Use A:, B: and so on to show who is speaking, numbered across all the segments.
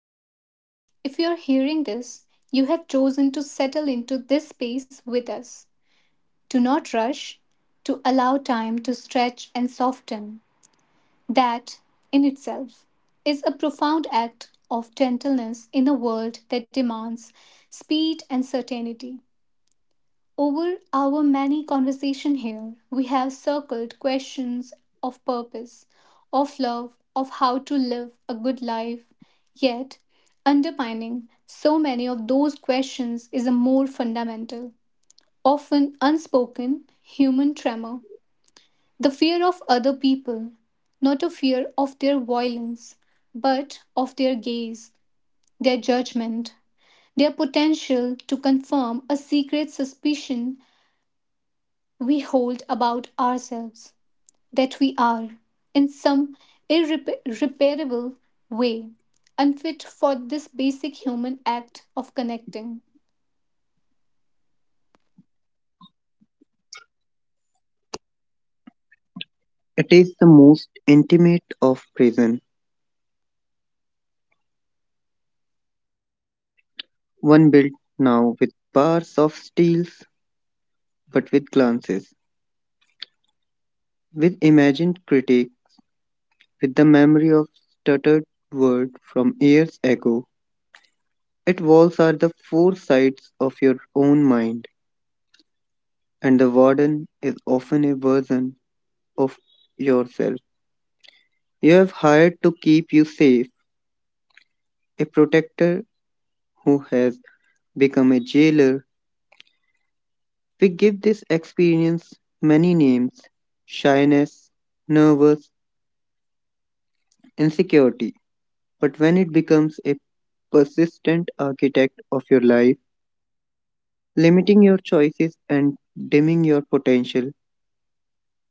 A: Welcome. If you're hearing this, you have chosen to settle into this space with us. To not rush, to allow time to stretch and soften. That, in itself, is a profound act of gentleness in a world that demands speed and certainty. Over our many conversation here, we have circled questions of purpose, of love, of how to live a good life. Yet, underpinning so many of those questions is a more fundamental, often unspoken human tremor. The fear of other people, not a fear of their violence, but of their gaze, their judgment, their potential to confirm a secret suspicion we hold about ourselves that we are, in some irreparable way, unfit for this basic human act of connecting.
B: It is the most intimate of prison, one built now with bars of steels, but with glances, with imagined critique, with the memory of stuttered word from years ago. Its walls are the four sides of your own mind, and the warden is often a version of yourself. You have hired to keep you safe, a protector who has become a jailer. We give this experience many names: shyness, nervous, insecurity. But when it becomes a persistent architect of your life, limiting your choices and dimming your potential,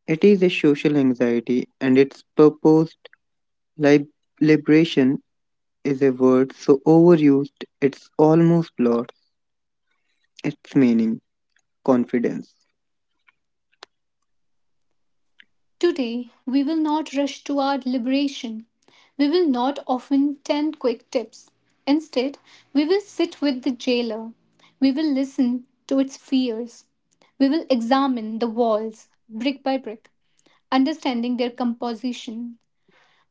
B: it is a social anxiety and its purposed lib- liberation is a word so overused it's almost lost its meaning, confidence.
A: Today, we will not rush to our liberation. We will not often 10 quick tips. Instead, we will sit with the jailer. We will listen to its fears. We will examine the walls brick by brick, understanding their composition.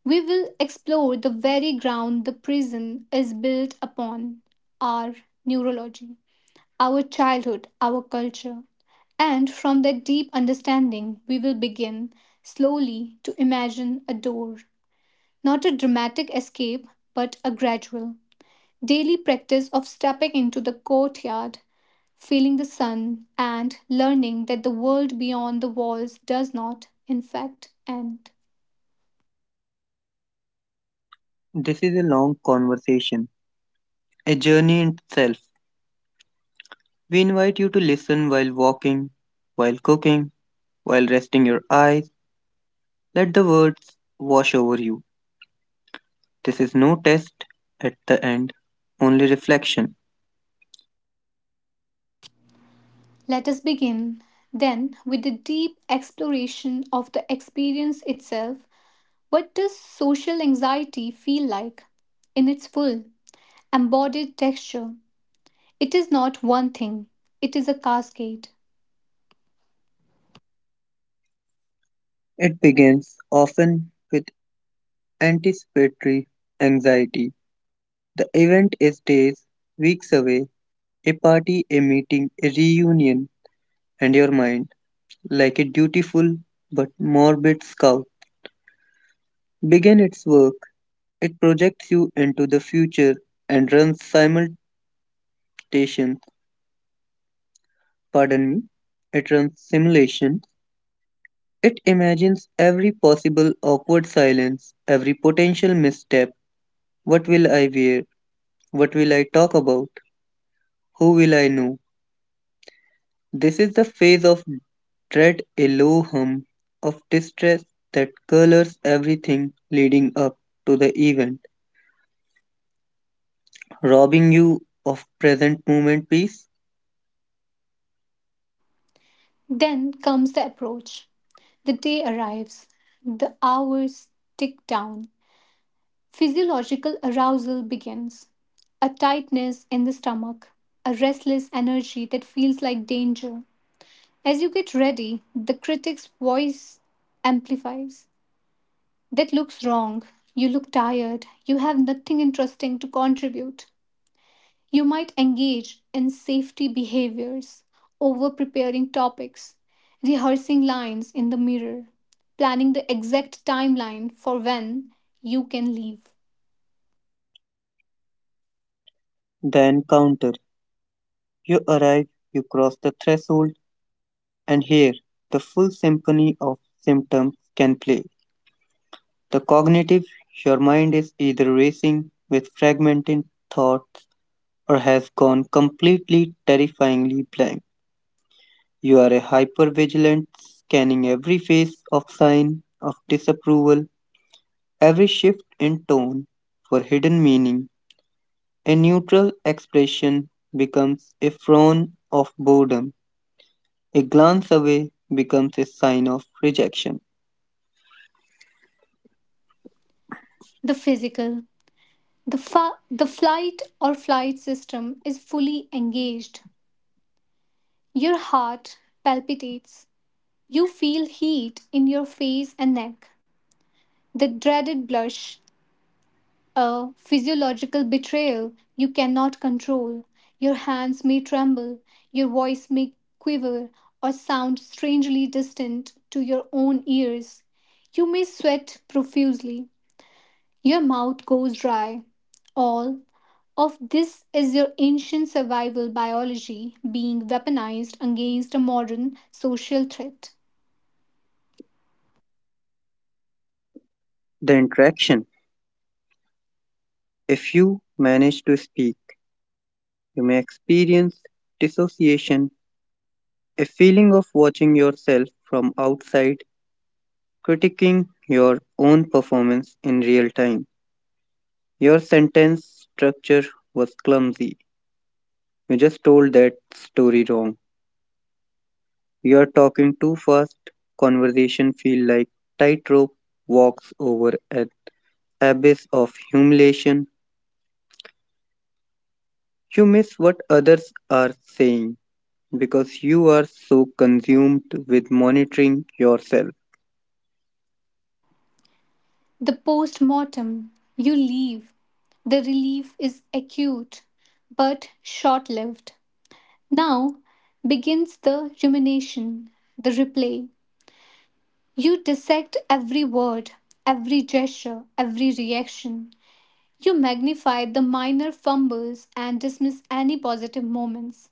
A: We will explore the very ground the prison is built upon, our neurology, our childhood, our culture. And from that deep understanding, we will begin slowly to imagine a door. Not a dramatic escape, but a gradual, daily practice of stepping into the courtyard, feeling the sun, and learning that the world beyond the walls does not, in fact, end.
B: This is a long conversation, a journey in itself. We invite you to listen while walking, while cooking, while resting your eyes. Let the words wash over you. This is no test at the end, only reflection.
A: Let us begin, then, with the deep exploration of the experience itself. What does social anxiety feel like in its full, embodied texture? It is not one thing, it is a cascade.
B: It begins often with anticipatory anxiety. The event is days, weeks away, a party, a meeting, a reunion, and your mind, like a dutiful but morbid scout, begins its work. It projects you into the future and runs simultaneously Pardon me. It runs simulations. It imagines every possible awkward silence, every potential misstep. What will I wear? What will I talk about? Who will I know? This is the phase of dread, a low hum of distress that colors everything leading up to the event, robbing you of present moment peace.
A: Then comes the approach. The day arrives, the hours tick down, physiological arousal begins, a tightness in the stomach, a restless energy that feels like danger. As you get ready, the critic's voice amplifies. That looks wrong. You look tired. You have nothing interesting to contribute. You might engage in safety behaviors, over preparing topics, rehearsing lines in the mirror, planning the exact timeline for when you can leave.
B: The encounter. You arrive, you cross the threshold, and here the full symphony of symptoms can play. The cognitive, your mind is either racing with fragmented thoughts or has gone completely, terrifyingly blank. You are a hypervigilant, scanning every face of sign of disapproval, every shift in tone for hidden meaning. A neutral expression becomes a frown of boredom. A glance away becomes a sign of rejection.
A: The physical. The flight or flight system is fully engaged. Your heart palpitates. You feel heat in your face and neck, the dreaded blush, a physiological betrayal you cannot control. Your hands may tremble, your voice may quiver, or sound strangely distant to your own ears. You may sweat profusely, your mouth goes dry. All of this is your ancient survival biology being weaponized against a modern social threat.
B: The interaction. If you manage to speak, you may experience dissociation, a feeling of watching yourself from outside, critiquing your own performance in real time. Your sentence structure was clumsy. You just told that story wrong. You are talking too fast. Conversation feel like tightrope walks over an abyss of humiliation. You miss what others are saying because you are so consumed with monitoring yourself.
A: The post mortem, you leave. The relief is acute, but short lived. Now begins the rumination, the replay. You dissect every word, every gesture, every reaction. You magnify the minor fumbles and dismiss any positive moments.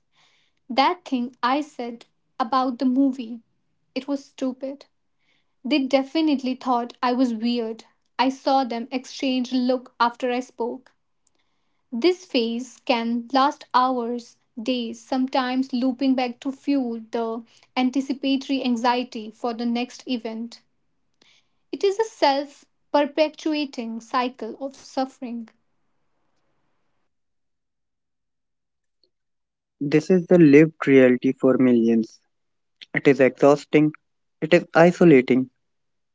A: That thing I said about the movie, it was stupid. They definitely thought I was weird. I saw them exchange look after I spoke. This phase can last hours, days, sometimes looping back to fuel the anticipatory anxiety for the next event. It is a self perpetuating cycle of suffering.
B: This is the lived reality for millions. It is exhausting, it is isolating,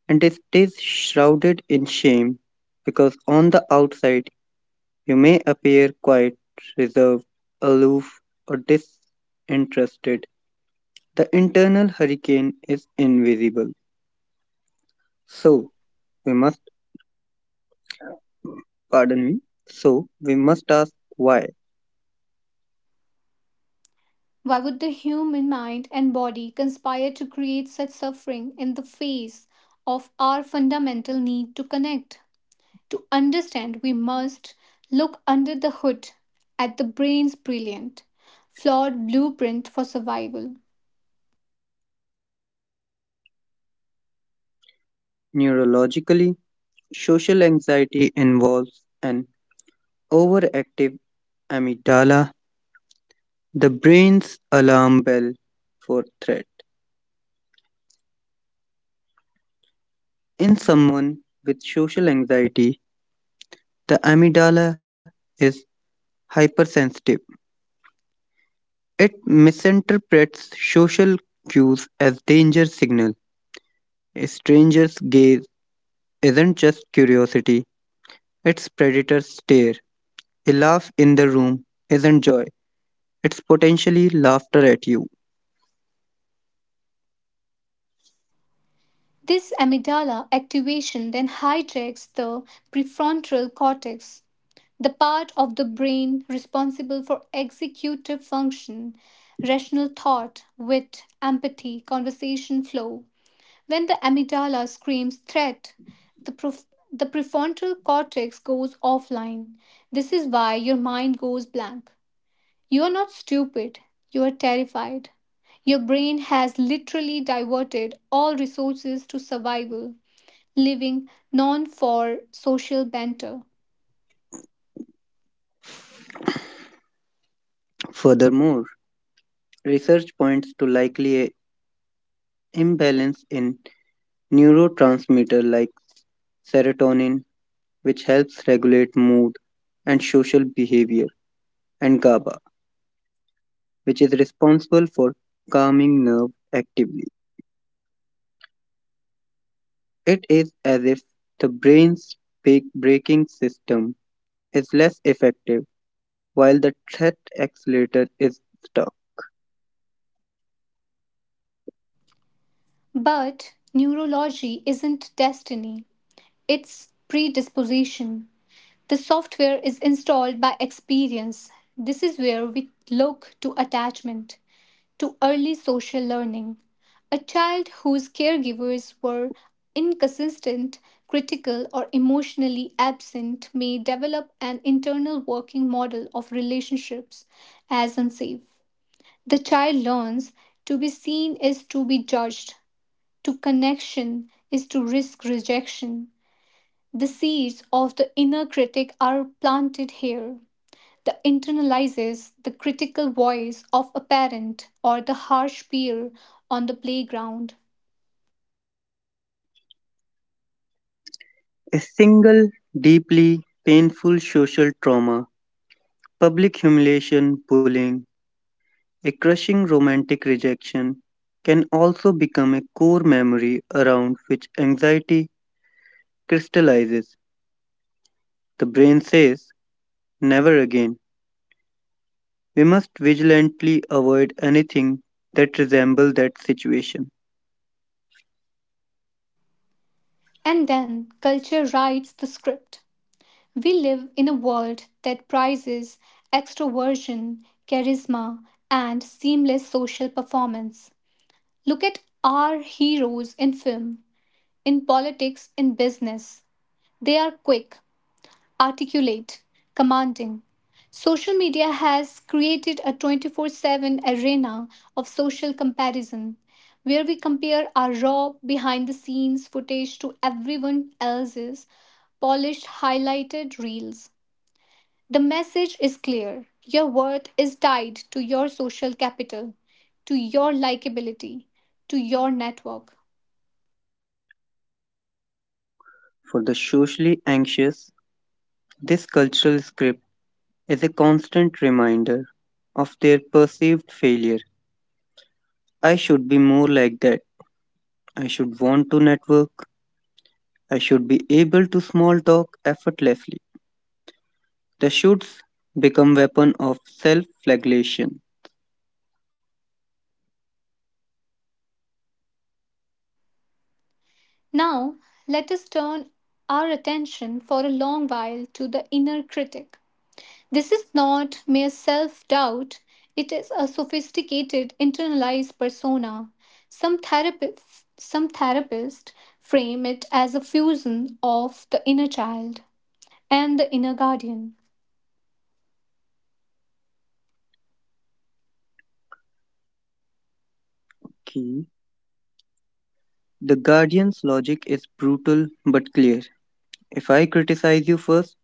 B: and it is shrouded in shame because on the outside you may appear quiet, reserved, aloof, or disinterested. The internal hurricane is invisible. So, we must, pardon me, so we must ask why.
A: Why would the human mind and body conspire to create such suffering in the face of our fundamental need to connect? To understand, we must look under the hood at the brain's brilliant, flawed blueprint for survival.
B: Neurologically, social anxiety involves an overactive amygdala, the brain's alarm bell for threat. In someone with social anxiety, the amygdala is hypersensitive. It misinterprets social cues as danger signal. A stranger's gaze isn't just curiosity, it's predator's stare. A laugh in the room isn't joy, it's potentially laughter at you.
A: This amygdala activation then hijacks the prefrontal cortex, the part of the brain responsible for executive function, rational thought, wit, empathy, conversation flow. When the amygdala screams threat, the, prof- the prefrontal cortex goes offline. This is why your mind goes blank. You are not stupid, you are terrified. Your brain has literally diverted all resources to survival, living non for social banter.
B: Furthermore, research points to likely a imbalance in neurotransmitter like serotonin, which helps regulate mood and social behavior, and GABA, which is responsible for calming nerve actively. It is as if the brain's braking system is less effective while the threat accelerator is stuck.
A: But neurology isn't destiny, it's predisposition. The software is installed by experience. This is where we look to attachment, to early social learning. A child whose caregivers were inconsistent, critical, or emotionally absent may develop an internal working model of relationships as unsafe. The child learns to be seen is to be judged, to connection is to risk rejection. The seeds of the inner critic are planted here. The internalizes, the critical voice of a parent or the harsh peer on the playground.
B: A single deeply painful social trauma, public humiliation, bullying, a crushing romantic rejection can also become a core memory around which anxiety crystallizes. The brain says, never again. We must vigilantly avoid anything that resembles that situation.
A: And then culture writes the script. We live in a world that prizes extroversion, charisma, and seamless social performance. Look at our heroes in film, in politics, in business. They are quick, articulate, commanding. Social media has created a 24/7 arena of social comparison, where we compare our raw, behind the scenes footage to everyone else's polished, highlighted reels. The message is clear: your worth is tied to your social capital, to your likability, to your network.
B: For the socially anxious, this cultural script is a constant reminder of their perceived failure. I should be more like that. I should want to network. I should be able to small talk effortlessly. The shoots become weapon of self-flagellation.
A: Now, let us turn our attention for a long while to the inner critic. This is not mere self doubt, it is a sophisticated internalized persona. Some therapists frame it as a fusion of the inner child and the inner guardian.
B: Key. The Guardian's logic is brutal but clear. If I criticize you first,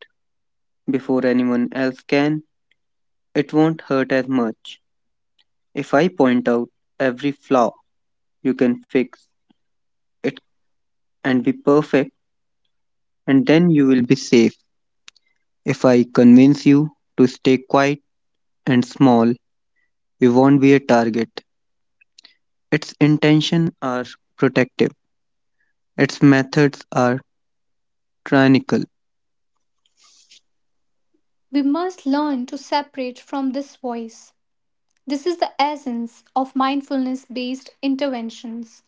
B: before anyone else can, it won't hurt as much. If I point out every flaw you can fix it and be perfect, and then you will be safe. If I convince you to stay quiet and small, you won't be a target. Its intentions are protective. Its methods are tyrannical.
A: We must learn to separate from this voice. This is the essence of mindfulness based interventions.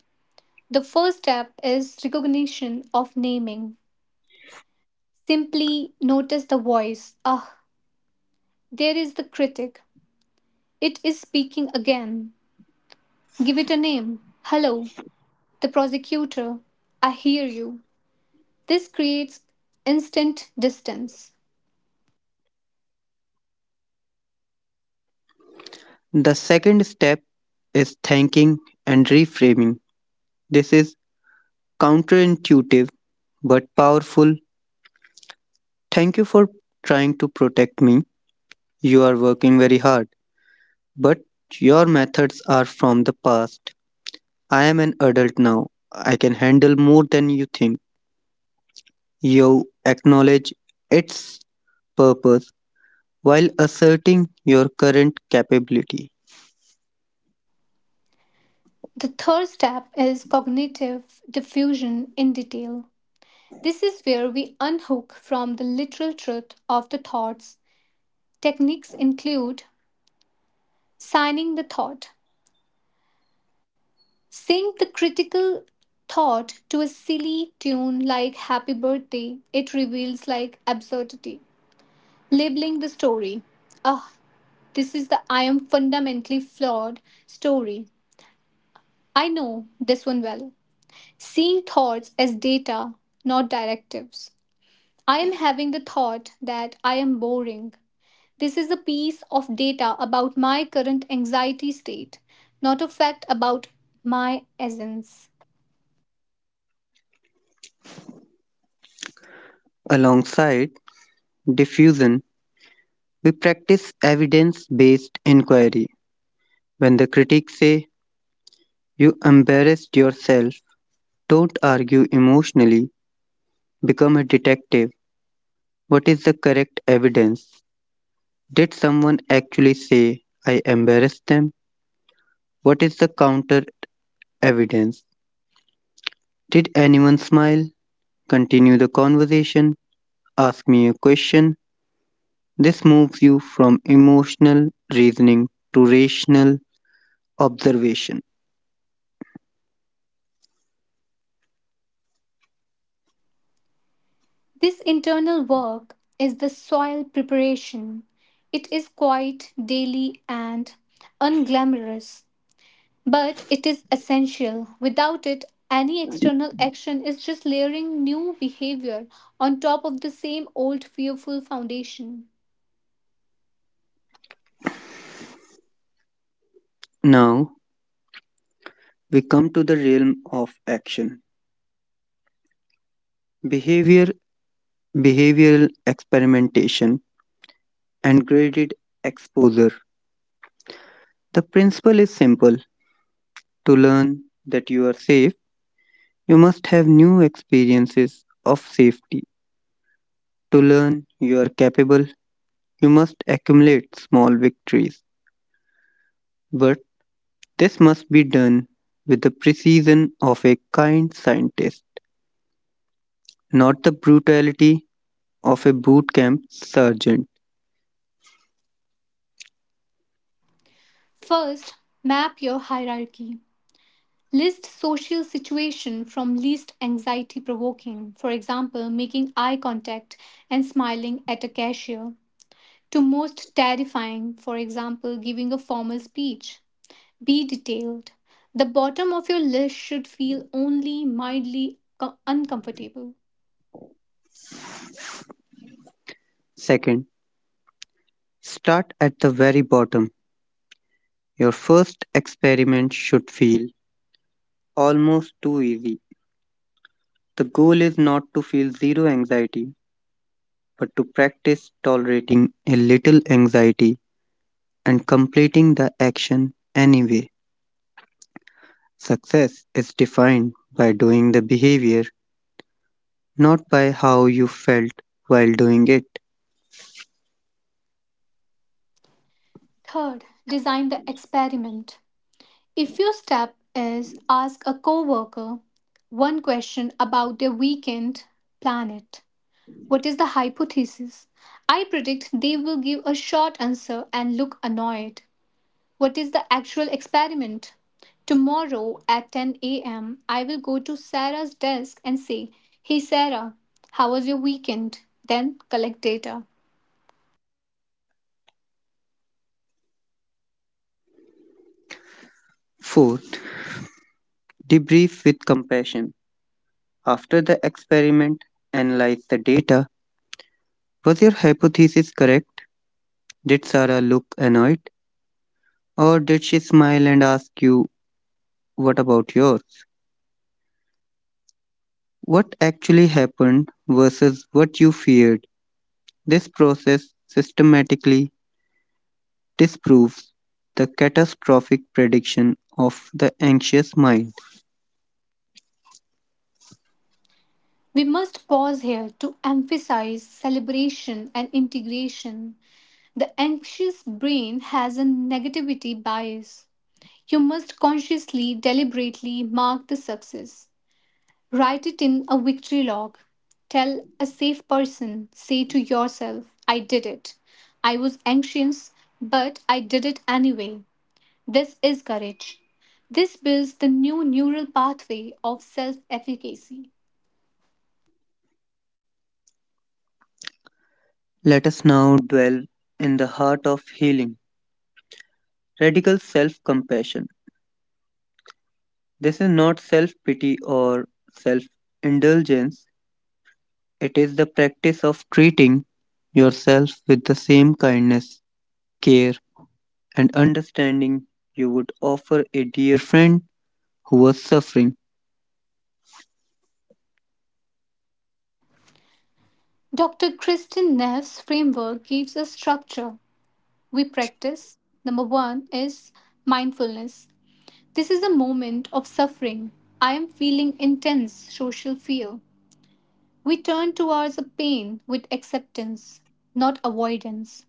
A: The first step is recognition of naming. Simply notice the voice. There is the critic. It is speaking again. Give it a name. Hello, the prosecutor. I hear you. This creates instant distance.
B: The second step is thanking and reframing. This is counterintuitive but powerful. Thank you for trying to protect me. You are working very hard, but your methods are from the past. I am an adult now. I can handle more than you think. You acknowledge its purpose while asserting your current capability.
A: The third step is cognitive diffusion in detail. This is where we unhook from the literal truth of the thoughts. Techniques include signing the thought, sing the critical thought to a silly tune like happy birthday. It reveals like absurdity. Labeling the story. Ah, this is the I am fundamentally flawed story. I know this one well. Seeing thoughts as data, not directives. I am having the thought that I am boring. This is a piece of data about my current anxiety state, not a fact about my essence.
B: Alongside diffusion, we practice evidence based inquiry. When the critics say, you embarrassed yourself, don't argue emotionally, become a detective. What is the correct evidence? Did someone actually say, I embarrassed them? What is the counter evidence? Did anyone smile? Continue the conversation. Ask me a question. This moves you from emotional reasoning to rational observation.
A: This internal work is the soil preparation. It is quite daily and unglamorous. But it is essential. Without it, any external action is just layering new behavior on top of the same old fearful foundation.
B: Now we come to the realm of action. Behavior behavioral experimentation, and graded exposure. The principle is simple: to learn that you are safe, you must have new experiences of safety. To learn you are capable, you must accumulate small victories. But this must be done with the precision of a kind scientist, not the brutality of a boot camp sergeant.
A: First, map your hierarchy. List social situation from least anxiety provoking, for example, making eye contact and smiling at a cashier, to most terrifying, for example, giving a formal speech. Be detailed. The bottom of your list should feel only mildly uncomfortable.
B: Second, start at the very bottom. Your first experiment should feel almost too easy. The goal is not to feel zero anxiety, but to practice tolerating a little anxiety and completing the action anyway. Success is defined by doing the behavior, not by how you felt while doing it.
A: Third, design the experiment. If your step is ask a coworker one question about their weekend, plan it. What is the hypothesis? I predict they will give a short answer and look annoyed. What is the actual experiment? Tomorrow at 10 a.m., I will go to Sarah's desk and say, "Hey Sarah, how was your weekend?" Then collect data.
B: Fourth, debrief with compassion. After the experiment, analyze the data. Was your hypothesis correct? Did Sarah look annoyed? Or did she smile and ask you, what about yours? What actually happened versus what you feared. This process systematically disproves the catastrophic prediction of the anxious mind.
A: We must pause here to emphasize celebration and integration. The anxious brain has a negativity bias. You must consciously, deliberately mark the success. Write it in a victory log. Tell a safe person, say to yourself, I did it. I was anxious, but I did it anyway. This is courage. This builds the new neural pathway of self efficacy.
B: Let us now dwell in the heart of healing radical self compassion. This is not self pity or self indulgence, it is the practice of treating yourself with the same kindness, care, and understanding you would offer a dear friend who was suffering.
A: Dr. Kristin Neff's framework gives a structure we practice. Number one is mindfulness. This is a moment of suffering. I am feeling intense social fear. We turn towards the pain with acceptance, not avoidance.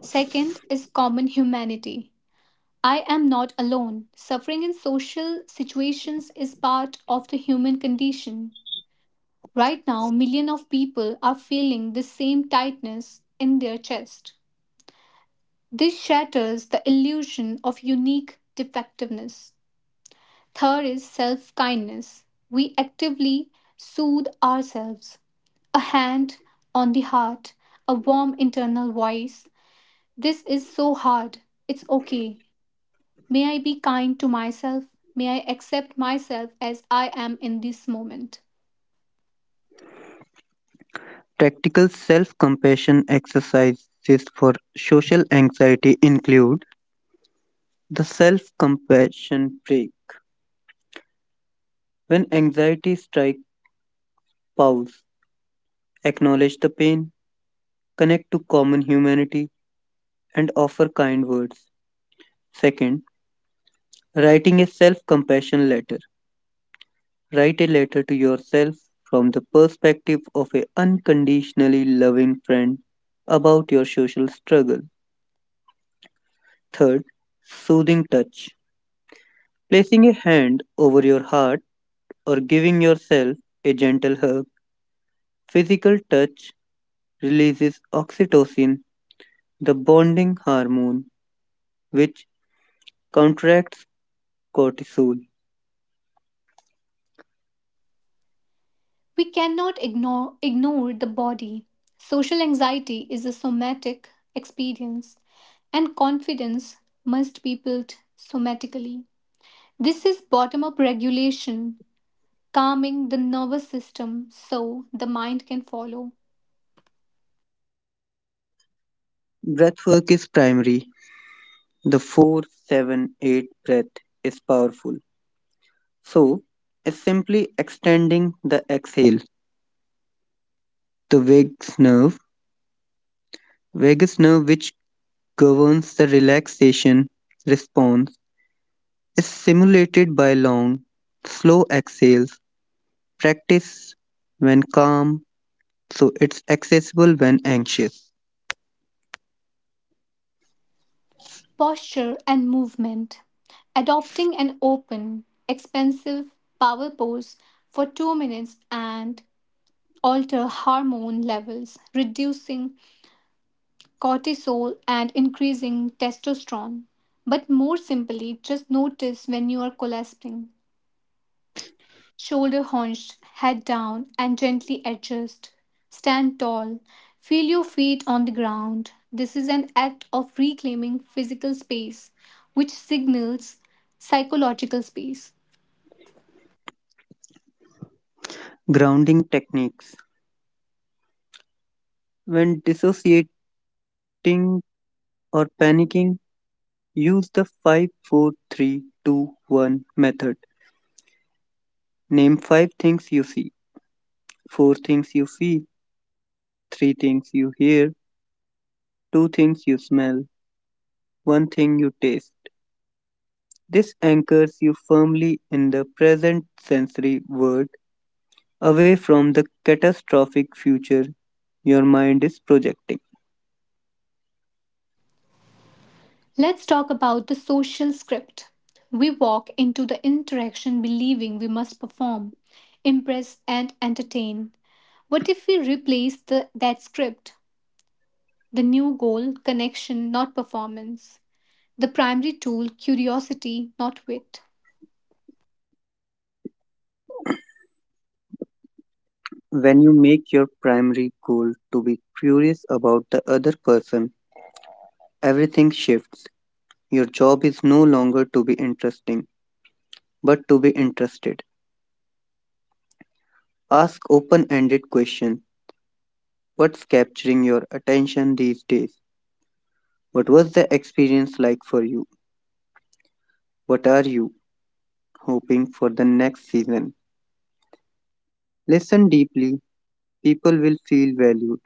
A: Second is common humanity. I am not alone. Suffering in social situations is part of the human condition. Right now, millions of people are feeling the same tightness in their chest. This shatters the illusion of unique defectiveness. Third is self kindness. We actively soothe ourselves. A hand on the heart, a warm internal voice. This is so hard. It's okay. May I be kind to myself? May I accept myself as I am in this moment?
B: Practical self compassion exercises for social anxiety include the self compassion break. When anxiety strikes, pause, acknowledge the pain, connect to common humanity, and offer kind words. Second, writing a self compassion letter. Write a letter to yourself from the perspective of an unconditionally loving friend about your social struggle. Third, soothing touch. Placing a hand over your heart or giving yourself a gentle hug. Physical touch releases oxytocin, the bonding hormone, which contracts cortisol.
A: We cannot ignore the body. Social anxiety is a somatic experience, and confidence must be built somatically. This is bottom up regulation, calming the nervous system so the mind can follow.
B: Breathwork is primary. The 4-7-8 breath is powerful. So, is simply extending the exhale. The vagus nerve which governs the relaxation response, is stimulated by long, slow exhales. Practice when calm, so it's accessible when anxious.
A: Posture and movement. Adopting an open, expensive power pose for 2 minutes and alter hormone levels, reducing cortisol and increasing testosterone. But more simply, just notice when you are collapsing. Shoulder hunched, head down, and gently adjust. Stand tall. Feel your feet on the ground. This is an act of reclaiming physical space, which signals psychological space.
B: Grounding techniques. When dissociating or panicking, use the five, four, three, two, one method. Name 5 things you see, 4 things you feel, 3 things you hear, 2 things you smell, 1 thing you taste. This anchors you firmly in the present sensory world, away from the catastrophic future your mind is projecting.
A: Let's talk about the social script. We walk into the interaction believing we must perform, impress, and entertain. What if we replace that script? The new goal, connection, not performance. The primary tool, curiosity, not wit.
B: When you make your primary goal to be curious about the other person, everything shifts. Your job is no longer to be interesting, but to be interested. Ask open ended questions. What's capturing your attention these days? What was the experience like for you? What are you hoping for the next season? Listen deeply, people will feel valued,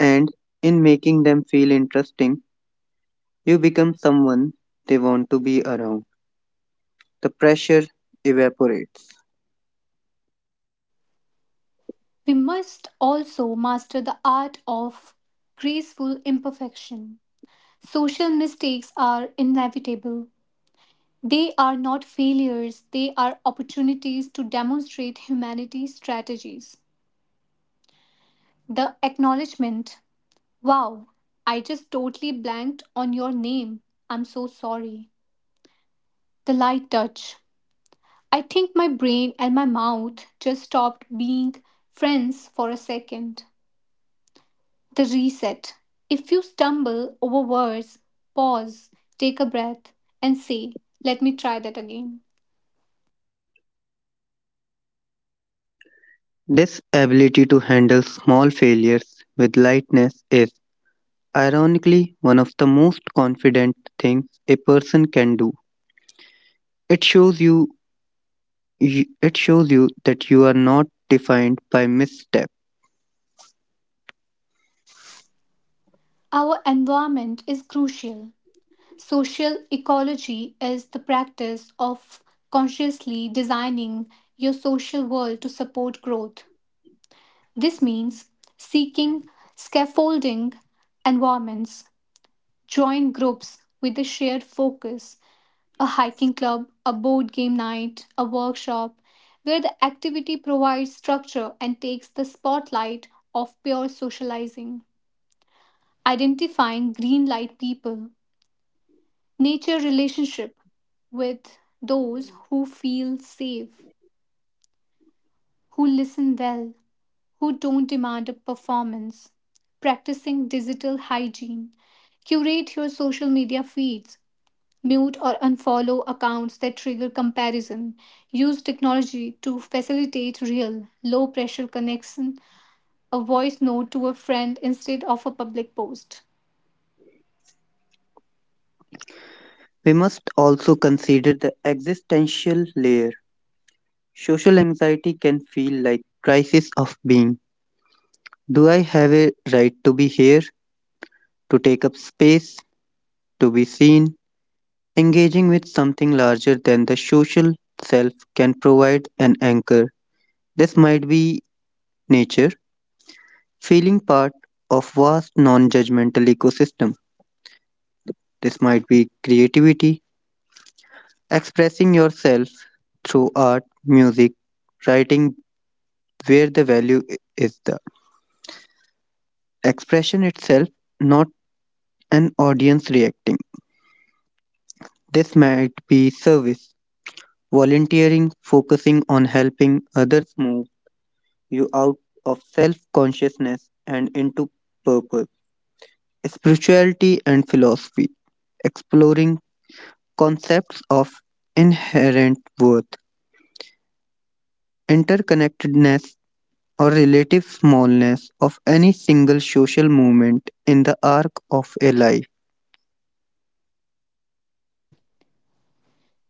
B: and in making them feel interesting, you become someone they want to be around. The pressure evaporates.
A: We must also master the art of graceful imperfection. Social mistakes are inevitable. They are not failures, they are opportunities to demonstrate humanity strategies. The acknowledgement: wow, I just totally blanked on your name, I'm so sorry. The light touch: I think my brain and my mouth just stopped being friends for a second. The reset. If you stumble over words, pause, take a breath, and say, "Let me try that again."
B: This ability to handle small failures with lightness is, ironically, one of the most confident things a person can do. It shows you, it shows you that you are not defined by misstep.
A: Our environment is crucial. Social ecology is the practice of consciously designing your social world to support growth. This means seeking scaffolding environments, join groups with a shared focus, a hiking club, a board game night, a workshop, where the activity provides structure and takes the spotlight off pure socializing. Identifying green light people, nature relationship with those who feel safe, who listen well, who don't demand a performance. Practicing digital hygiene, curate your social media feeds, mute or unfollow accounts that trigger comparison, use technology to facilitate real, low pressure connection, a voice note to a friend instead of a public post.
B: We must also consider the existential layer. Social anxiety can feel like crisis of being. Do I have a right to be here, to take up space, to be seen? Engaging with something larger than the social self can provide an anchor. This might be nature, feeling part of vast non-judgmental ecosystem. This might be creativity, expressing yourself through art, music, writing where the value is the expression itself, not an audience reacting. This might be service, volunteering, focusing on helping others move you out of self consciousness and into purpose. Spirituality and philosophy, exploring concepts of inherent worth, interconnectedness, or relative smallness of any single social movement in the arc of a life.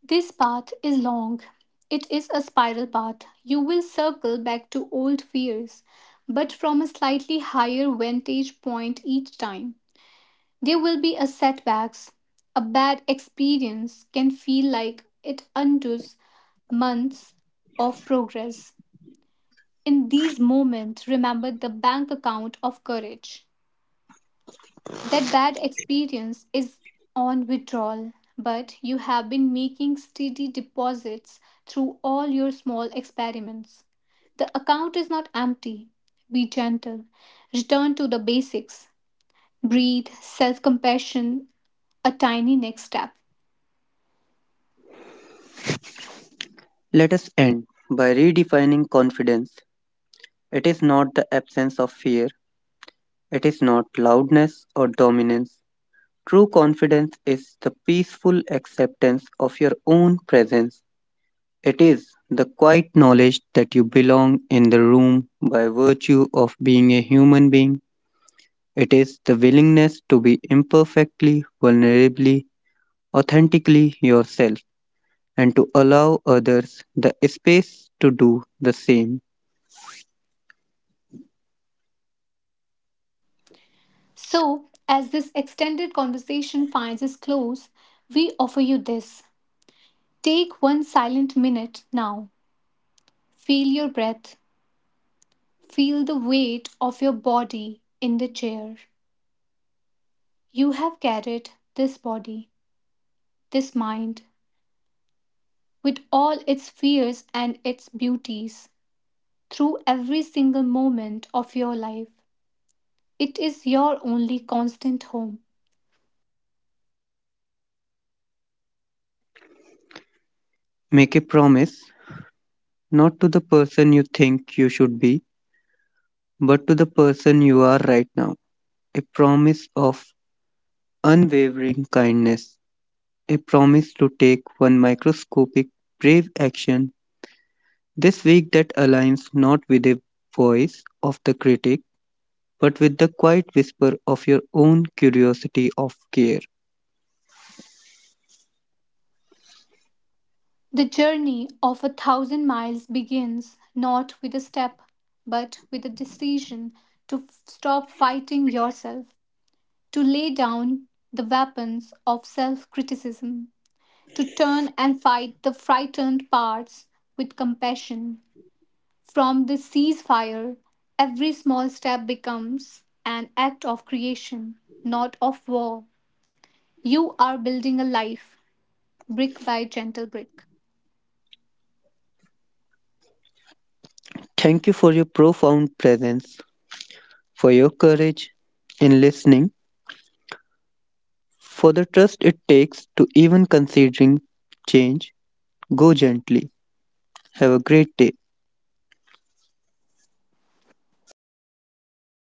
A: This path is long. It is a spiral path. You will circle back to old fears, but from a slightly higher vantage point each time. There will be a setbacks. A bad experience can feel like it undoes months of progress. In these moments, remember the bank account of courage. That bad experience is on withdrawal, but you have been making steady deposits through all your small experiments. The account is not empty. Be gentle. Return to the basics. Breathe, self compassion, a tiny next step.
B: Let us end by redefining confidence. It is not the absence of fear, it is not loudness or dominance. True confidence is the peaceful acceptance of your own presence. It is the quiet knowledge that you belong in the room by virtue of being a human being. It is the willingness to be imperfectly, vulnerably, authentically yourself and to allow others the space to do the same.
A: So, as this extended conversation finds its close, we offer you this. Take one silent minute now. Feel your breath. Feel the weight of your body in the chair. You have carried this body, this mind, with all its fears and its beauties, through every single moment of your life. It is your only constant home.
B: Make a promise not to the person you think you should be, but to the person you are right now. A promise of unwavering kindness, a promise to take one microscopic brave action this week that aligns not with the voice of the critic, but with the quiet whisper of your own curiosity of care.
A: The journey of a thousand miles begins not with a step, but with a decision to stop fighting yourself, to lay down the weapons of self criticism, to turn and fight the frightened parts with compassion. From this ceasefire, every small step becomes an act of creation, not of war. You are building a life, brick by gentle brick.
B: Thank you for your profound presence, for your courage in listening, for the trust it takes to even considering change. Go gently. Have a great day.